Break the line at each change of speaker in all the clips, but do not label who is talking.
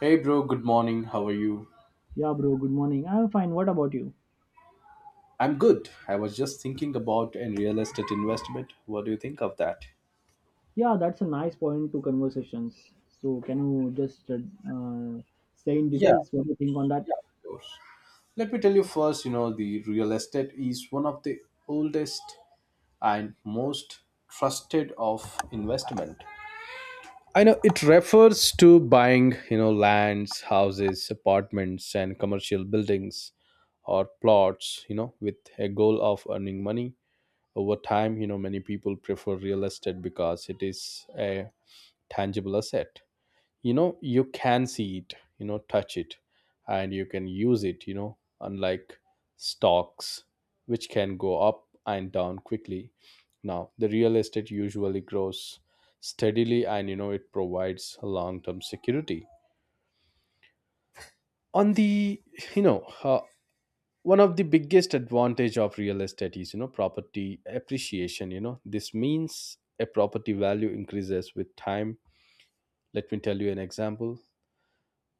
Hey bro, good morning. How are you?
Yeah, bro, good morning. I'm fine. What about you?
I'm good. I was just thinking about a real estate investment. What do you think of that?
Yeah, that's a nice point to conversations. So, can you just say in
Yeah,
details what you think on that?
yeah, of course. Let me tell you first, the real estate is one of the oldest and most trusted of investment. I know it refers to buying, lands, houses, apartments and commercial buildings or plots, with a goal of earning money over time. Many people prefer real estate because it is a tangible asset. You can see it, touch it, and you can use it, unlike stocks, which can go up and down quickly. Now, the real estate usually grows steadily, and it provides long term security on the you know uh, one of the biggest advantage of real estate is, property appreciation. This means a property value increases with time. Let me tell you an example.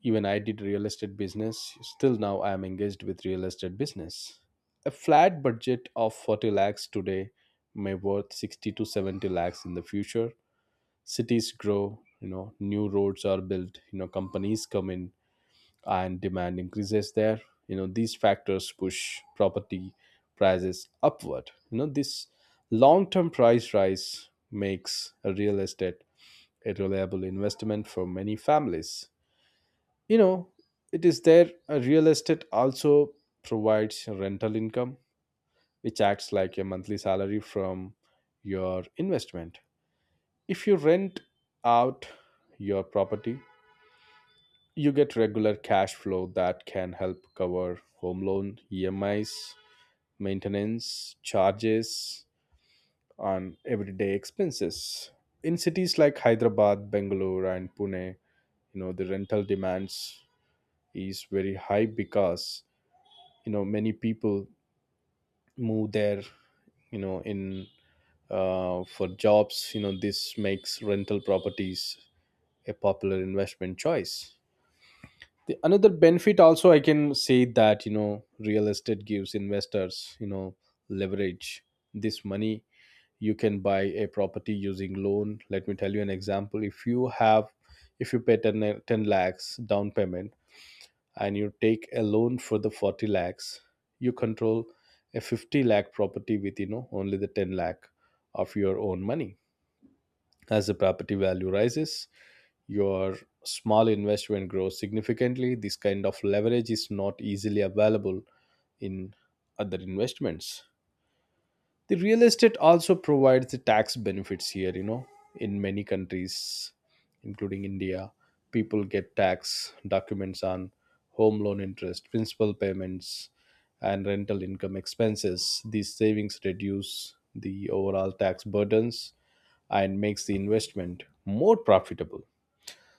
Even I did real estate business, still now I am engaged with real estate business. A flat budget of 40 lakhs today may worth 60 to 70 lakhs in the future. Cities grow, new roads are built, companies come in, and demand increases there. These factors push property prices upward. This long term price rise makes a real estate a reliable investment for many families. you know it is there, a real estate also provides rental income, which acts like a monthly salary from your investment. If you rent out your property, you get regular cash flow that can help cover home loan EMIs, maintenance charges, and everyday expenses. In cities like Hyderabad, Bangalore, and Pune, the rental demands is very high because many people move there, you know, in for jobs. This makes rental properties a popular investment choice. The another benefit also I can say that, real estate gives investors, leverage. This money you can buy a property using loan. Let me tell you an example. If you have, if you pay ten lakhs down payment and you take a loan for the 40 lakhs, you control a 50 lakh property with, only the 10 lakh of your own money. As the property value rises, your small investment grows significantly. This kind of leverage is not easily available in other investments. The real estate also provides the tax benefits here, in many countries, including India. People get tax documents on home loan interest, principal payments, and rental income expenses. These savings reduce the overall tax burdens and makes the investment more profitable.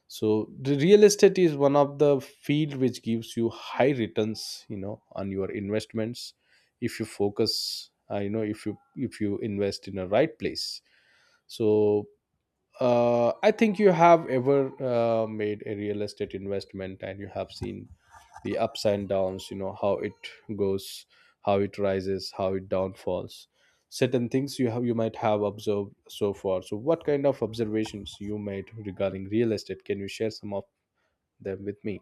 So the real estate is one of the field which gives you high returns, on your investments, if you focus, if you invest in a right place. So I think you have ever made a real estate investment and you have seen the ups and downs. How it goes, how it rises, how it downfalls. Certain things you might have observed so far. So what kind of observations you made regarding real estate? Can you share some of them with me?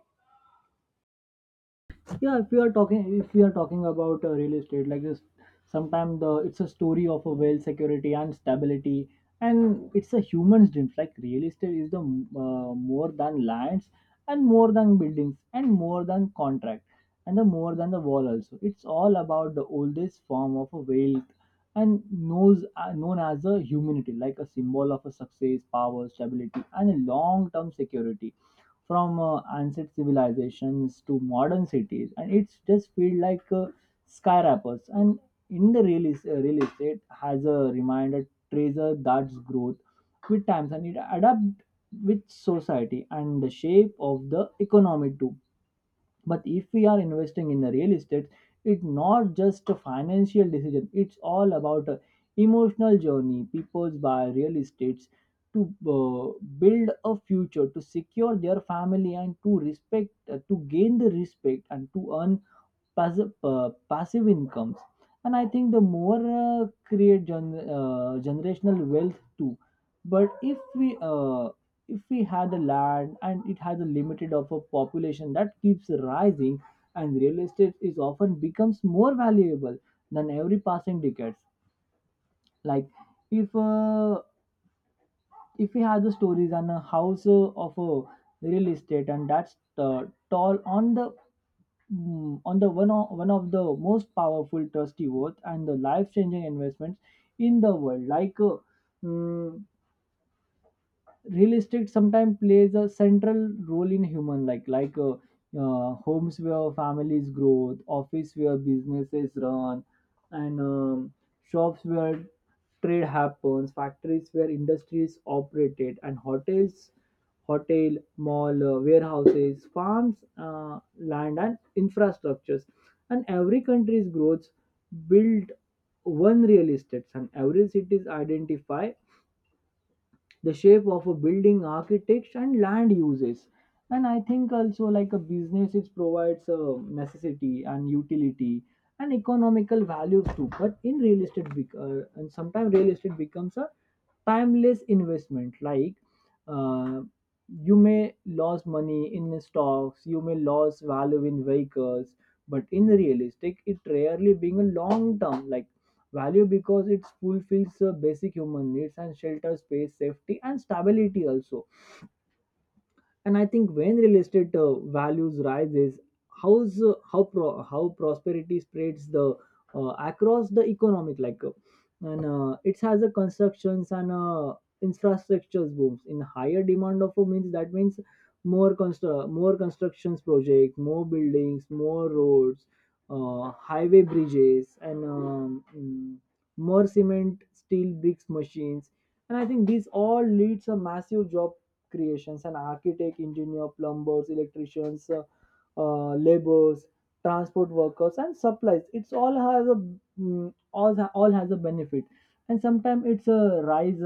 Yeah, if we are talking about real estate, like this, sometimes the it's a story of a wealth, security, and stability, and it's a human's dreams. Like real estate is the more than lands, and more than buildings, and more than contract, and the more than the wall also. It's all about the oldest form of a wealth and known as a humanity, like a symbol of a success, power, stability, and a long-term security. From ancient civilizations to modern cities, and it's just feel like skyscrapers. And in the real, real estate, has a reminder treasure that's growth with times, and it adapt with society and the shape of the economy too. But if we are investing in the real estate, it's not just a financial decision. It's all about a emotional journey. People buy real estates to uh, build a future, to secure their family, and to respect to gain the respect, and to earn passive incomes. And I think the more generational wealth too. But if we had a land, and it has a limited of a population that keeps rising, and real estate is often becomes more valuable than every passing decades. Like if uh, if we have the stories on a house of a real estate, and that's tall on the on the one of the most powerful trustee worth and the life changing investments in the world. Like mm, real estate sometimes plays a central role in human like homes where families grow, office where businesses run, and shops where trade happens, factories where industries operated, and hotels hotel mall, warehouses, farms, land, and infrastructures. And every country's growth built one real estate, and every city's identify the shape of a building architects and land uses. And I think also like a business, it provides a necessity and utility and economical values too. But in real estate bec- and sometimes real estate becomes a timeless investment. Like uh, you may lose money in stocks, you may lose value in vehicles, but in real estate, it rarely being a long term like value, because it fulfills basic human needs and shelter, space, safety, and stability also. And I think when real estate values rises, how prosperity spreads the across the economic, like and it has a constructions and infrastructures booms in higher demand of a means. That means more more constructions project, more buildings, more roads, highway bridges, and more cement, steel, bricks, machines. And I think this all leads a massive job creations and architect, engineer, plumbers, electricians, laborers, transport workers, and supplies. It's all has a all has a benefit, and sometimes it's a rise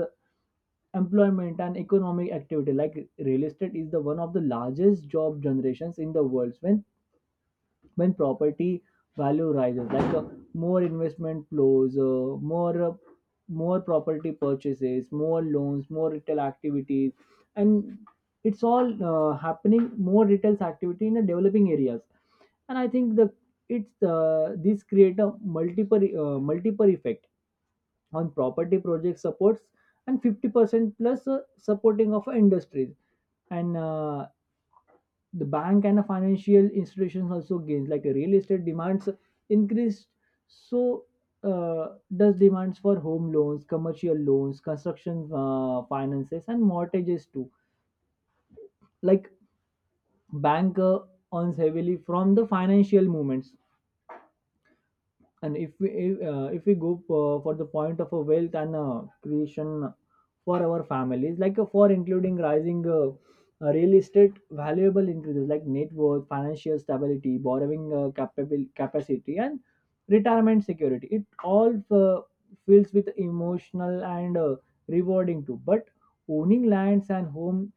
employment and economic activity. Like real estate is the one of the largest job generations in the world, when property value rises. Like more investment flows, more property purchases, more loans, more retail activities, and it's all happening more retail activity in the developing areas. And I think the it's this create a multiple effect on property project supports, and 50% plus supporting of industries. And the bank and the financial institutions also gains, like the real estate demands increased. So does demands for home loans, commercial loans, construction finances, and mortgages too. Like bank earns heavily from the financial movements. And if we go for the point of a wealth and creation for our families. Like for including rising real estate valuable increases like net worth, financial stability, borrowing capable capacity, and retirement security. It all feels with emotional and rewarding too. But owning lands and home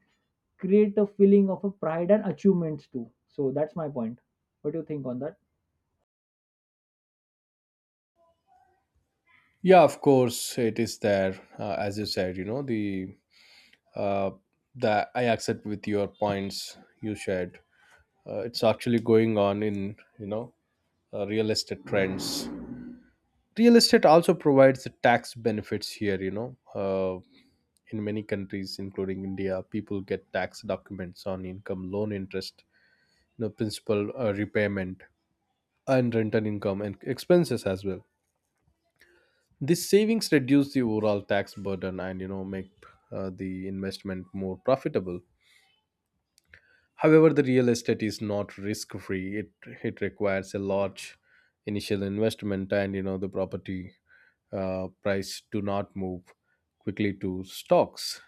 create a feeling of a pride and achievements too. So that's my point. What do you think on that?
Yeah, of course, it is there. As you said, you know the uh, that I accept with your points you shared. It's actually going on in, real estate trends. Real estate also provides the tax benefits here, in many countries, including India. People get tax documents on income loan interest, principal repayment, and rental income and expenses as well. This savings reduce the overall tax burden, and make the investment more profitable. However, the real estate is not risk free. It requires a large initial investment, and the property price do not move quickly to stocks.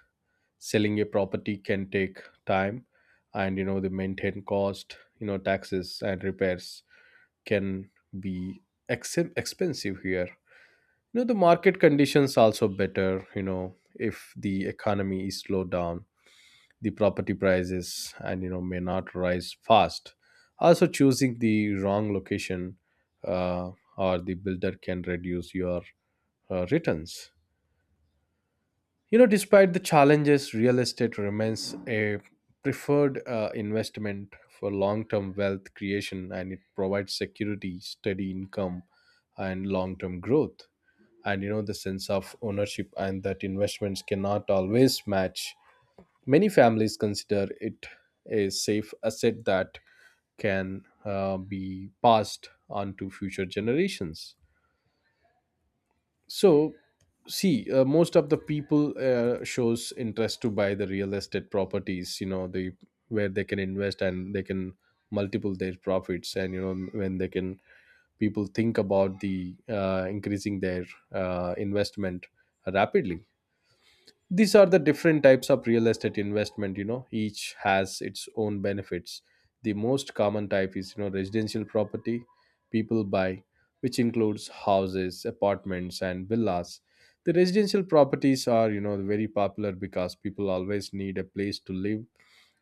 Selling a property can take time, and the maintain cost, taxes and repairs can be expensive here. The market conditions also better. If the economy is slowed down, the property prices and may not rise fast. Also, choosing the wrong location uh, or the builder can reduce your returns. Despite the challenges, real estate remains a preferred investment for long term wealth creation, and it provides security, steady income, and long term growth, and the sense of ownership and that investments cannot always match. Many families consider it a safe asset that can be passed on to future generations. So see, most of the people shows interest to buy the real estate properties. They, where they can invest and they can multiple their profits, and you know when they can people think about the increasing their investment rapidly. These are the different types of real estate investment. Each has its own benefits. The most common type is, residential property people buy, which includes houses, apartments and villas. The residential properties are, very popular because people always need a place to live,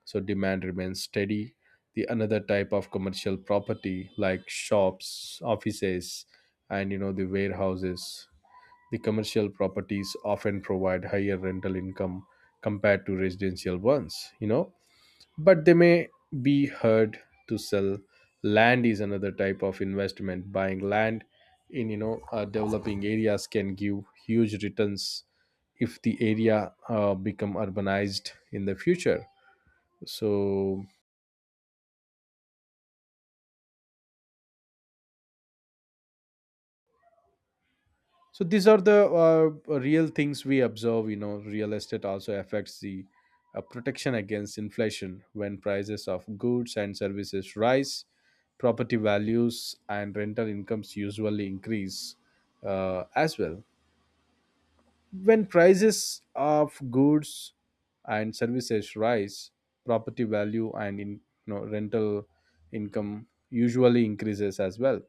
so demand remains steady. The another type of commercial property, like shops, offices, and the warehouses. The commercial properties often provide higher rental income compared to residential ones, but they may be heard to sell. Land is another type of investment. Buying land in, developing areas can give huge returns if the area become urbanized in the future. So these are the real things we observe. Real estate also affects the protection against inflation. When prices of goods and services rise, property values and rental incomes usually increase as well. When prices of goods and services rise, property value and in rental income usually increases as well.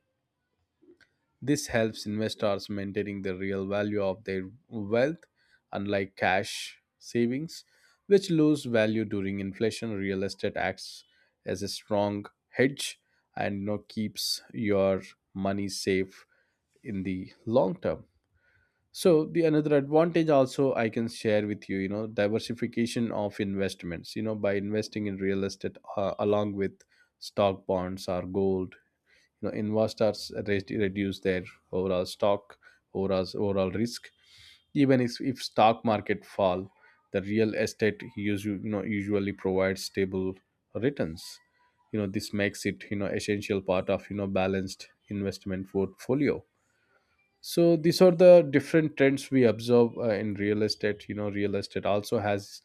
This helps investors maintaining the real value of their wealth, unlike cash savings, which lose value during inflation. Real estate acts as a strong hedge and, keeps your money safe in the long term. So the another advantage also I can share with you, diversification of investments. You know, by investing in real estate along with stock bonds or gold, investors reduce their overall stock overall overall risk. Even if stock market fall, the real estate usually, provides stable returns. This makes it, essential part of, balanced investment portfolio. So these are the different trends we observe in real estate. Real estate also has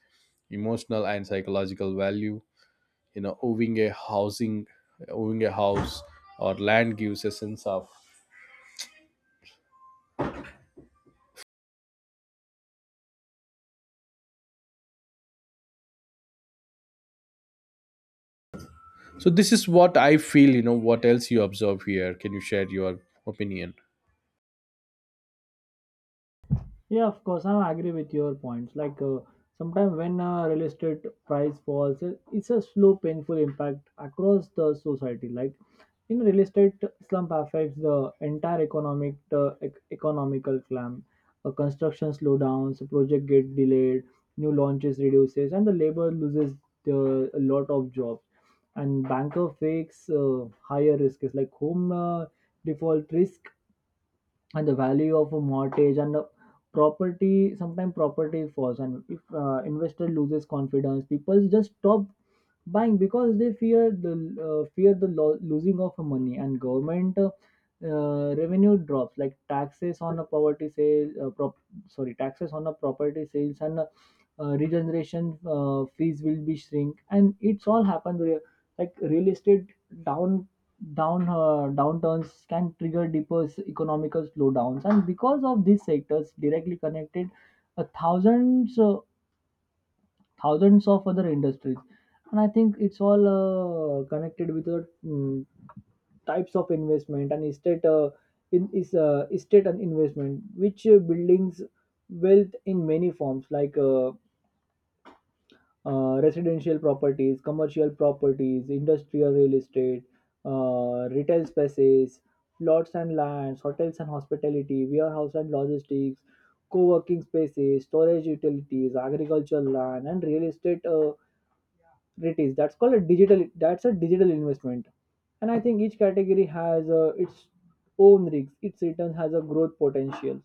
emotional and psychological value. you know owning a housing Owning a house or land gives a sense of. So this is what I feel. What else you observe here? Can you share your opinion?
Yeah, of course, I agree with your points. Like sometimes when real estate price falls, it's a slow, painful impact across the society. Like in real estate slump affects the entire economic, economical climb. Construction slowdowns, project get delayed, new launches reduces, and the labor loses a lot of jobs. And banker fakes higher risks, like home default risk, and the value of a mortgage and the property, sometimes property falls. And if investor loses confidence, people just stop buying, because they fear the losing of money. And government revenue drops, like taxes on a poverty sale, sorry, taxes on a property sales. And regeneration fees will be shrink. And it's all happened like real estate down downturns can trigger deeper economical slowdowns, and because of these sectors directly connected uh, thousands uh, thousands of other industries. And I think it's all connected with the types of investment and estate in is estate and investment, which buildings wealth in many forms. Like residential properties, commercial properties, industrial real estate, retail spaces, lots and lands, hotels and hospitality, warehouse and logistics, co-working spaces, storage utilities, agricultural land, and real estate REITs. That's called a digital. That's a digital investment. And I think each category has its own risks. Its return has a growth potential.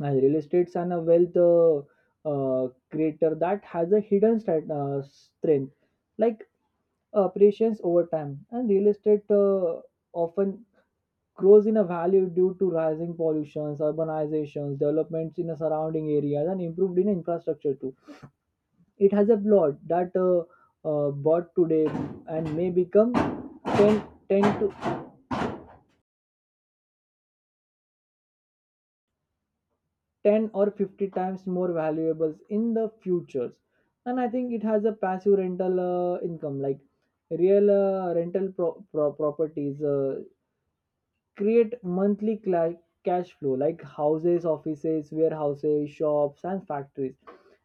And real estates and a wealth creator that has a hidden strength, like appreciations over time. And real estate often grows in a value due to rising pollutions, urbanizations, developments in the surrounding areas, and improved in infrastructure too. It has a plot that bought today, and may become ten to 10 or 50 times more valuables in the futures. And I think it has a passive rental income, like real rental properties create monthly cash flow, like houses, offices, warehouses, shops, and factories.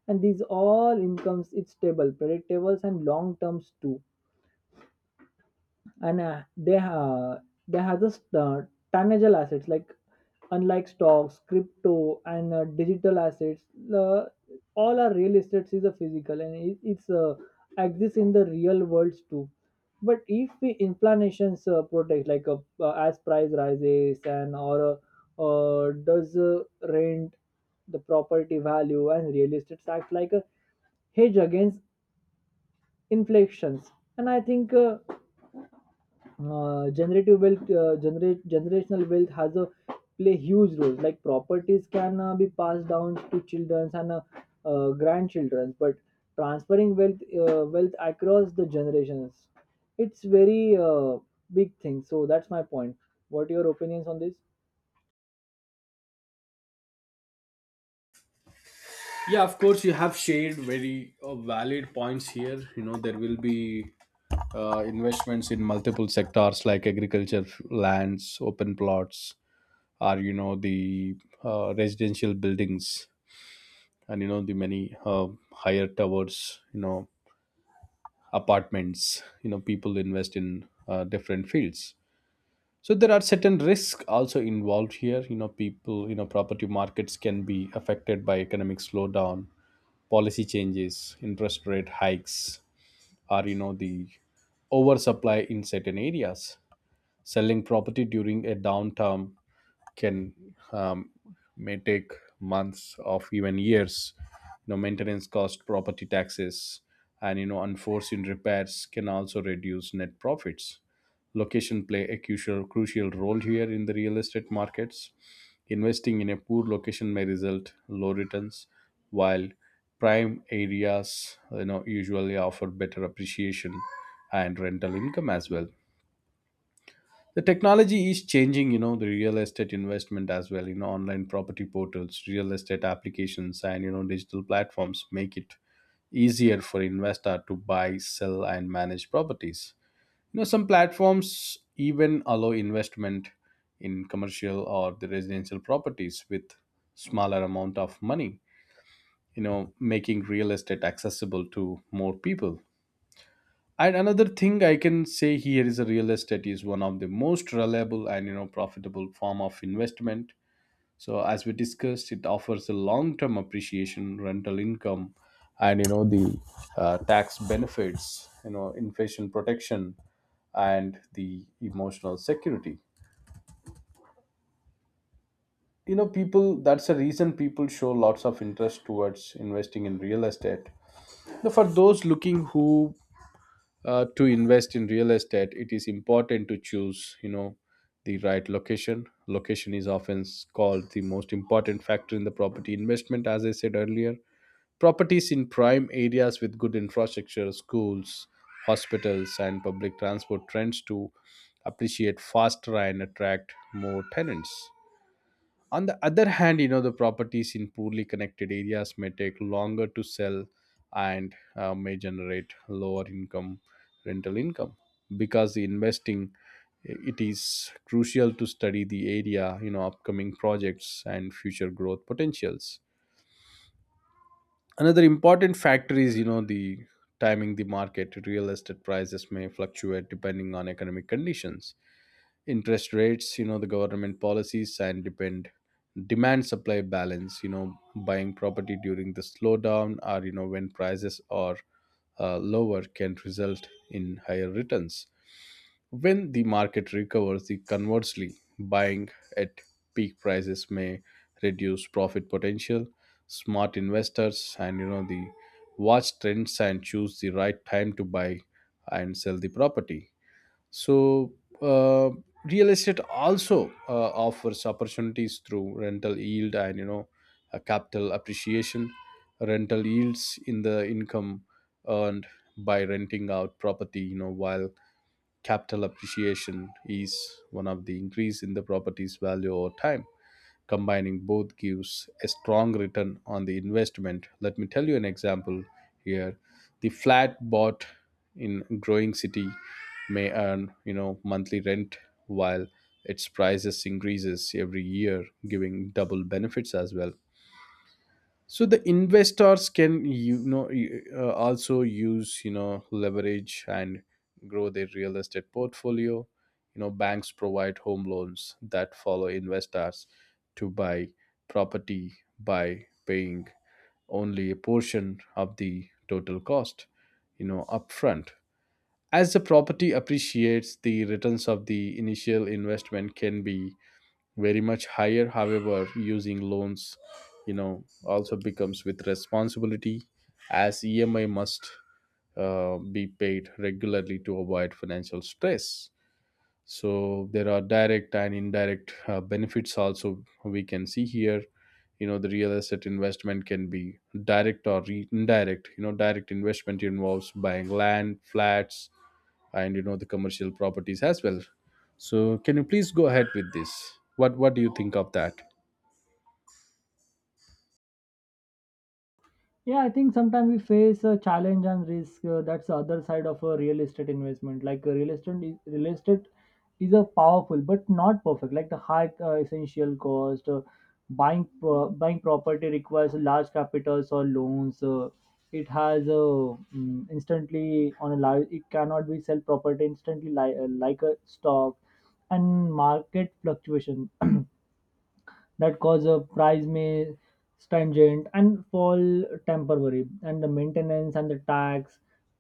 And these all incomes it's stable, predictables, and long terms too. And they have this tangible assets, like unlike stocks, crypto, and digital assets. uh, all our real estate is a physical, and it's exists in the real worlds too. But if we inflations protect, like as price rises, and or does rent, the property value and real estate act like a hedge against inflations. And I think generative wealth generate generational wealth has a play huge role. Like properties can be passed down to children and grandchildren. But transferring wealth across the generations, it's very big thing. So that's my point. What are your opinions on this?
Yeah, of course, you have shared very valid points here. You know, there will be investments in multiple sectors like agriculture, lands, open plots, or, you know, the residential buildings, and, the many higher towers, apartments. You know, people invest in different fields. So there are certain risks also involved here. You know people you know Property markets can be affected by economic slowdown, policy changes, interest rate hikes, or the oversupply in certain areas. Selling property during a downturn can may take months of even years. Maintenance cost, property taxes, and unforeseen repairs can also reduce net profits. Location play a crucial role here in the real estate markets. Investing in a poor location may result low returns, while prime areas usually offer better appreciation and rental income as well. The technology is changing, the real estate investment as well. Online property portals, real estate applications, and digital platforms make it easier for investor to buy, sell and manage properties. Some platforms even allow investment in commercial or the residential properties with smaller amount of money, making real estate accessible to more people. And another thing I can say here is a real estate is one of the most reliable and, profitable form of investment. So as we discussed, it offers a long-term appreciation, rental income, and you know the tax benefits, inflation protection, and the emotional security. You know, people. That's the reason people show lots of interest towards investing in real estate. Now, for those looking who to invest in real estate, it is important to choose the right location. Is often called the most important factor in the property investment. As I said earlier, properties in prime areas with good infrastructure, schools, hospitals and public transport trends to appreciate faster and attract more tenants. On the other hand, the properties in poorly connected areas may take longer to sell, and may generate lower income, rental income. Because the investing, it is crucial to study the area, upcoming projects and future growth potentials. Another important factor is the timing, the market. Real estate prices may fluctuate depending on economic conditions, interest rates, the government policies, and depend demand supply balance. Buying property during the slowdown, or when prices are lower, can result in higher returns when the market recovers. The conversely, buying at peak prices may reduce profit potential. Smart investors, and you know the watch trends, and choose the right time to buy and sell the property. So, uh, real estate also offers opportunities through rental yield and, capital appreciation. Rental yields in the income earned by renting out property, you know, while capital appreciation is one of the increase in the property's value over time. Combining both gives a strong return on the investment. Let me tell you an example here. The flat bought in growing city may earn, you know, monthly rent while its prices increases every year, giving double benefits as well. So the investors can, also use, leverage, and grow their real estate portfolio. Banks provide home loans that follow investors to buy property by paying only a portion of the total cost, upfront. As the property appreciates, the returns of the initial investment can be very much higher. However, using loans, also becomes with responsibility, as EMI must be paid regularly to avoid financial stress. So there are direct and indirect benefits also we can see here. The real estate investment can be direct or indirect. Direct investment involves buying land, flats, and the commercial properties as well. So can you please go ahead with this? What do you think of that?
Yeah, I think sometimes we face a challenge and risk. That's the other side of a real estate investment. Like real estate is a powerful but not perfect. Like the high essential cost, buying property requires large capitals or loans. It has a mm instantly on a large. It cannot be sell property instantly, like a stock, and market fluctuation that cause a price may stringent and fall temporary, and the maintenance and the tax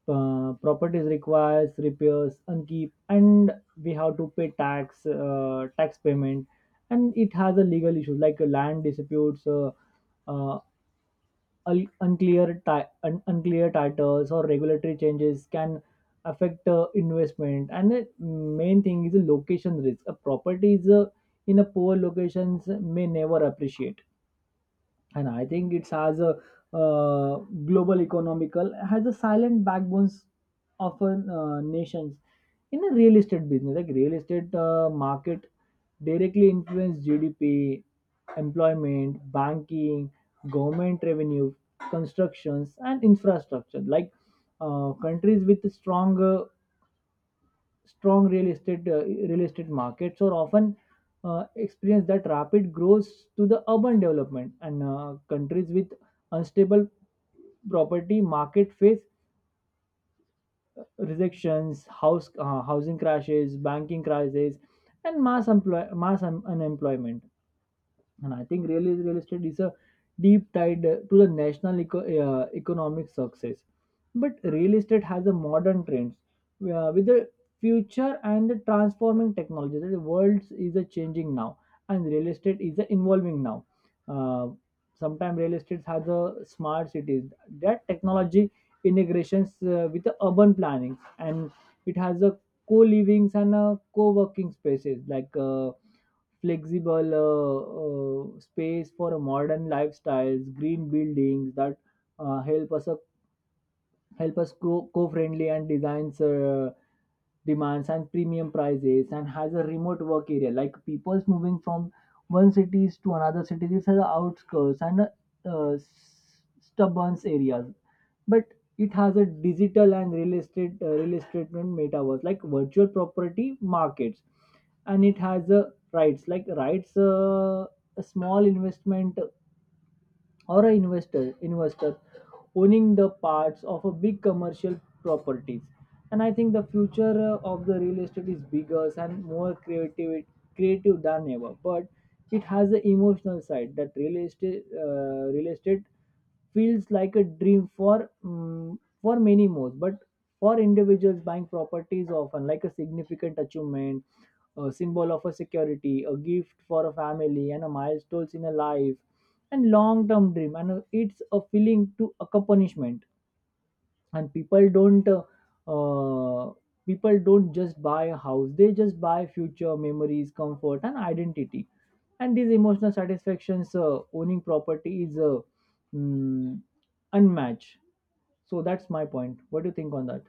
properties requires repairs and keep, and we have to pay tax payment. And it has a legal issue, like a land disputes, uh, unclear unclear titles or regulatory changes can affect investment. And the main thing is the location risk, a property is in a poor locations may never appreciate. And I think it has a uh, global economical has a silent backbones of a nations in a real estate business. Like real estate market directly influence GDP, employment, banking, government revenue, constructions, and infrastructure. Like countries with strong real estate markets or often experience that rapid growth to the urban development. And countries with unstable property market face rejections, house housing crashes, banking crises, and mass unemployment. And I think real estate is a deep tied to the national economic success. But real estate has a modern trends with the future and the transforming technology. The world is a changing now, and real estate is a evolving now. Uh, Sometimes real estate has a smart cities that technology integrations with the urban planning, and it has a co-livings and a co-working spaces like. Flexible space for a modern lifestyles, green buildings that uh, help us help us go co-friendly, and designs demands and premium prices, and has a remote work area, like people's moving from one cities to another cities. These are the outskirts and stubborn areas. But it has a digital and real estate and metaverse, like virtual property markets. And it has a rights, like rights a small investment, or an investor owning the parts of a big commercial properties. And I think the future of the real estate is bigger and more creative than ever. But it has the emotional side, that real estate feels like a dream for for many more. But for individuals, buying property is often like a significant achievement, a symbol of a security, a gift for a family, and a milestone in a life and long term dream. And it's a feeling to accomplishment. And uh, people don't just buy a house, they just buy future memories, comfort, and identity. And these emotional satisfactions, owning property is mm, unmatched. So that's my point. What do you think on that?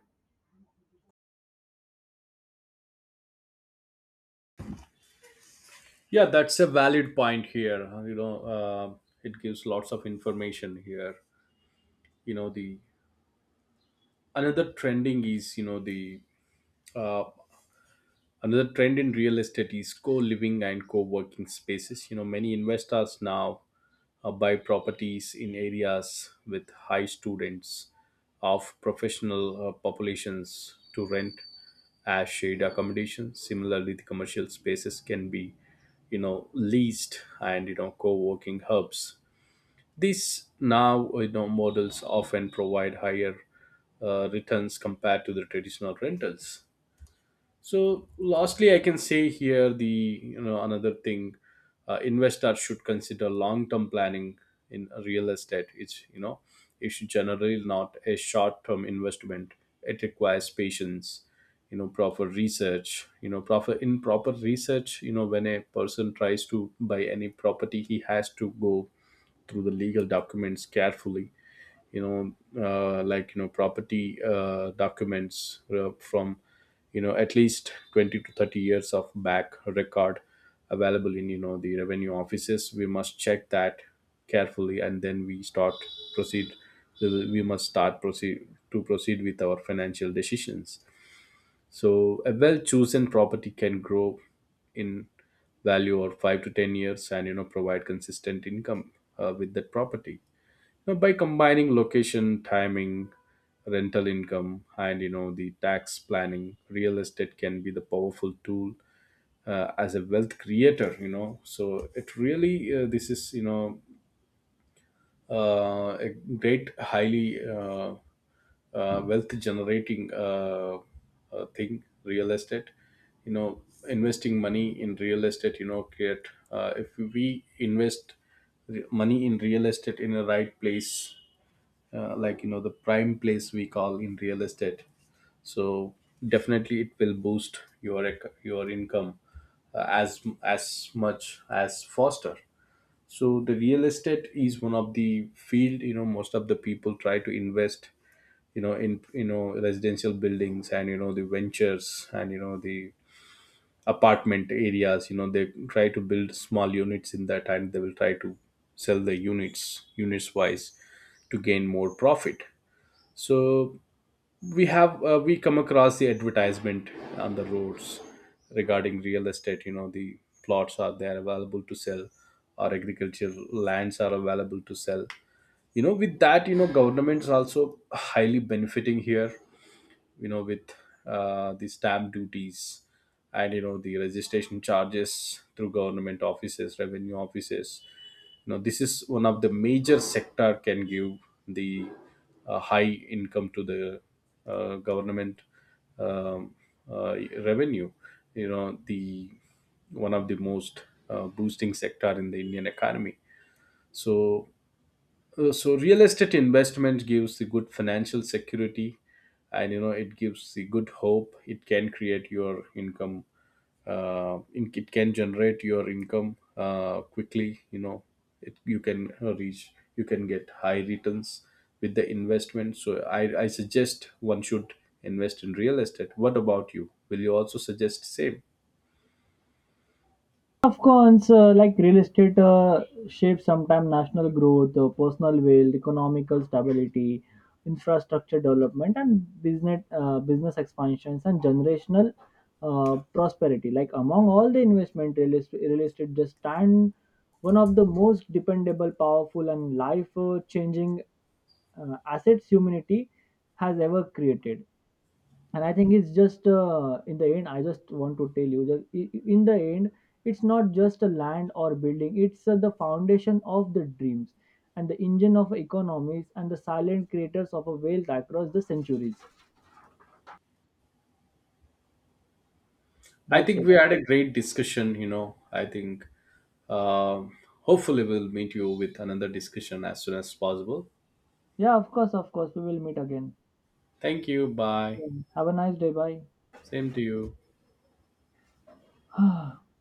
Yeah, that's a valid point here. You know, it gives lots of information here. You know, the Another trending is, you know the uh, another trend in real estate is co-living and co-working spaces. You know, many investors now buy properties in areas with high students of professional populations to rent as shared accommodation. Similarly, the commercial spaces can be, you know, leased and, you know, co-working hubs. These now, models often provide higher returns compared to the traditional rentals. So lastly, I can say here, the you know another thing, investors should consider long term planning in real estate. It's you know It's generally not a short term investment. It requires patience, you know, proper research, proper research. You know, when a person tries to buy any property, he has to go through the legal documents carefully. you know like, you know, property documents from, you know, at least 20 to 30 years of back record available in, you know, the revenue offices. We must check that carefully, and then we start proceed we must start proceed to proceed with our financial decisions. So a well chosen property can grow in value over 5 to 10 years and, you know, provide consistent income with that property. Know, by combining location, timing, rental income, and, you know, the tax planning, real estate can be the powerful tool as a wealth creator. You know, so it really, this is you know a great highly, wealth generating, thing. Real estate, you know, investing money in real estate, you know, create, if we invest money in real estate in the right place, like, you know, the prime place we call in real estate. So definitely it will boost your your income as much as faster. So the real estate is one of the field, you know, most of the people try to invest, you know, in, you know, residential buildings and, you know, the ventures and, you know, the apartment areas. You know, they try to build small units in that, and they will try to sell the units, units wise, to gain more profit. So we have, we come across the advertisement on the roads regarding real estate. You know, the plots are there available to sell, or agricultural lands are available to sell. You know, with that, you know, governments also highly benefiting here, you know, with the stamp duties and, you know, the registration charges through government offices, revenue offices. You know, this is one of the major sector can give the high income to the government, um, uh, revenue. You know, the one of the most boosting sector in the Indian economy. So, so real estate investment gives the good financial security, and you know it gives the good hope. It can create your income, it can generate your income quickly. You know, it, you can reach you can get high returns with the investment. So I suggest one should invest in real estate. What about you? Will you also suggest same?
Afghans, like real estate, shape sometimes national growth, personal wealth, economical stability, infrastructure development, and business expansions and generational prosperity. Like among all the investment, real estate just stand one of the most dependable, powerful, and life-changing assets humanity has ever created. And I think it's just in the end, I just want to tell you that in the end, it's not just a land or building. It's the foundation of the dreams, and the engine of economies, and the silent creators of a wealth across the centuries.
I
That's
think
it.
we had a great discussion, you know. I think hopefully we'll meet you with another discussion as soon as possible.
Yeah, of course, of course we will meet again.
Thank you. Bye.
Yeah. Have a nice day. Bye.
Same to you.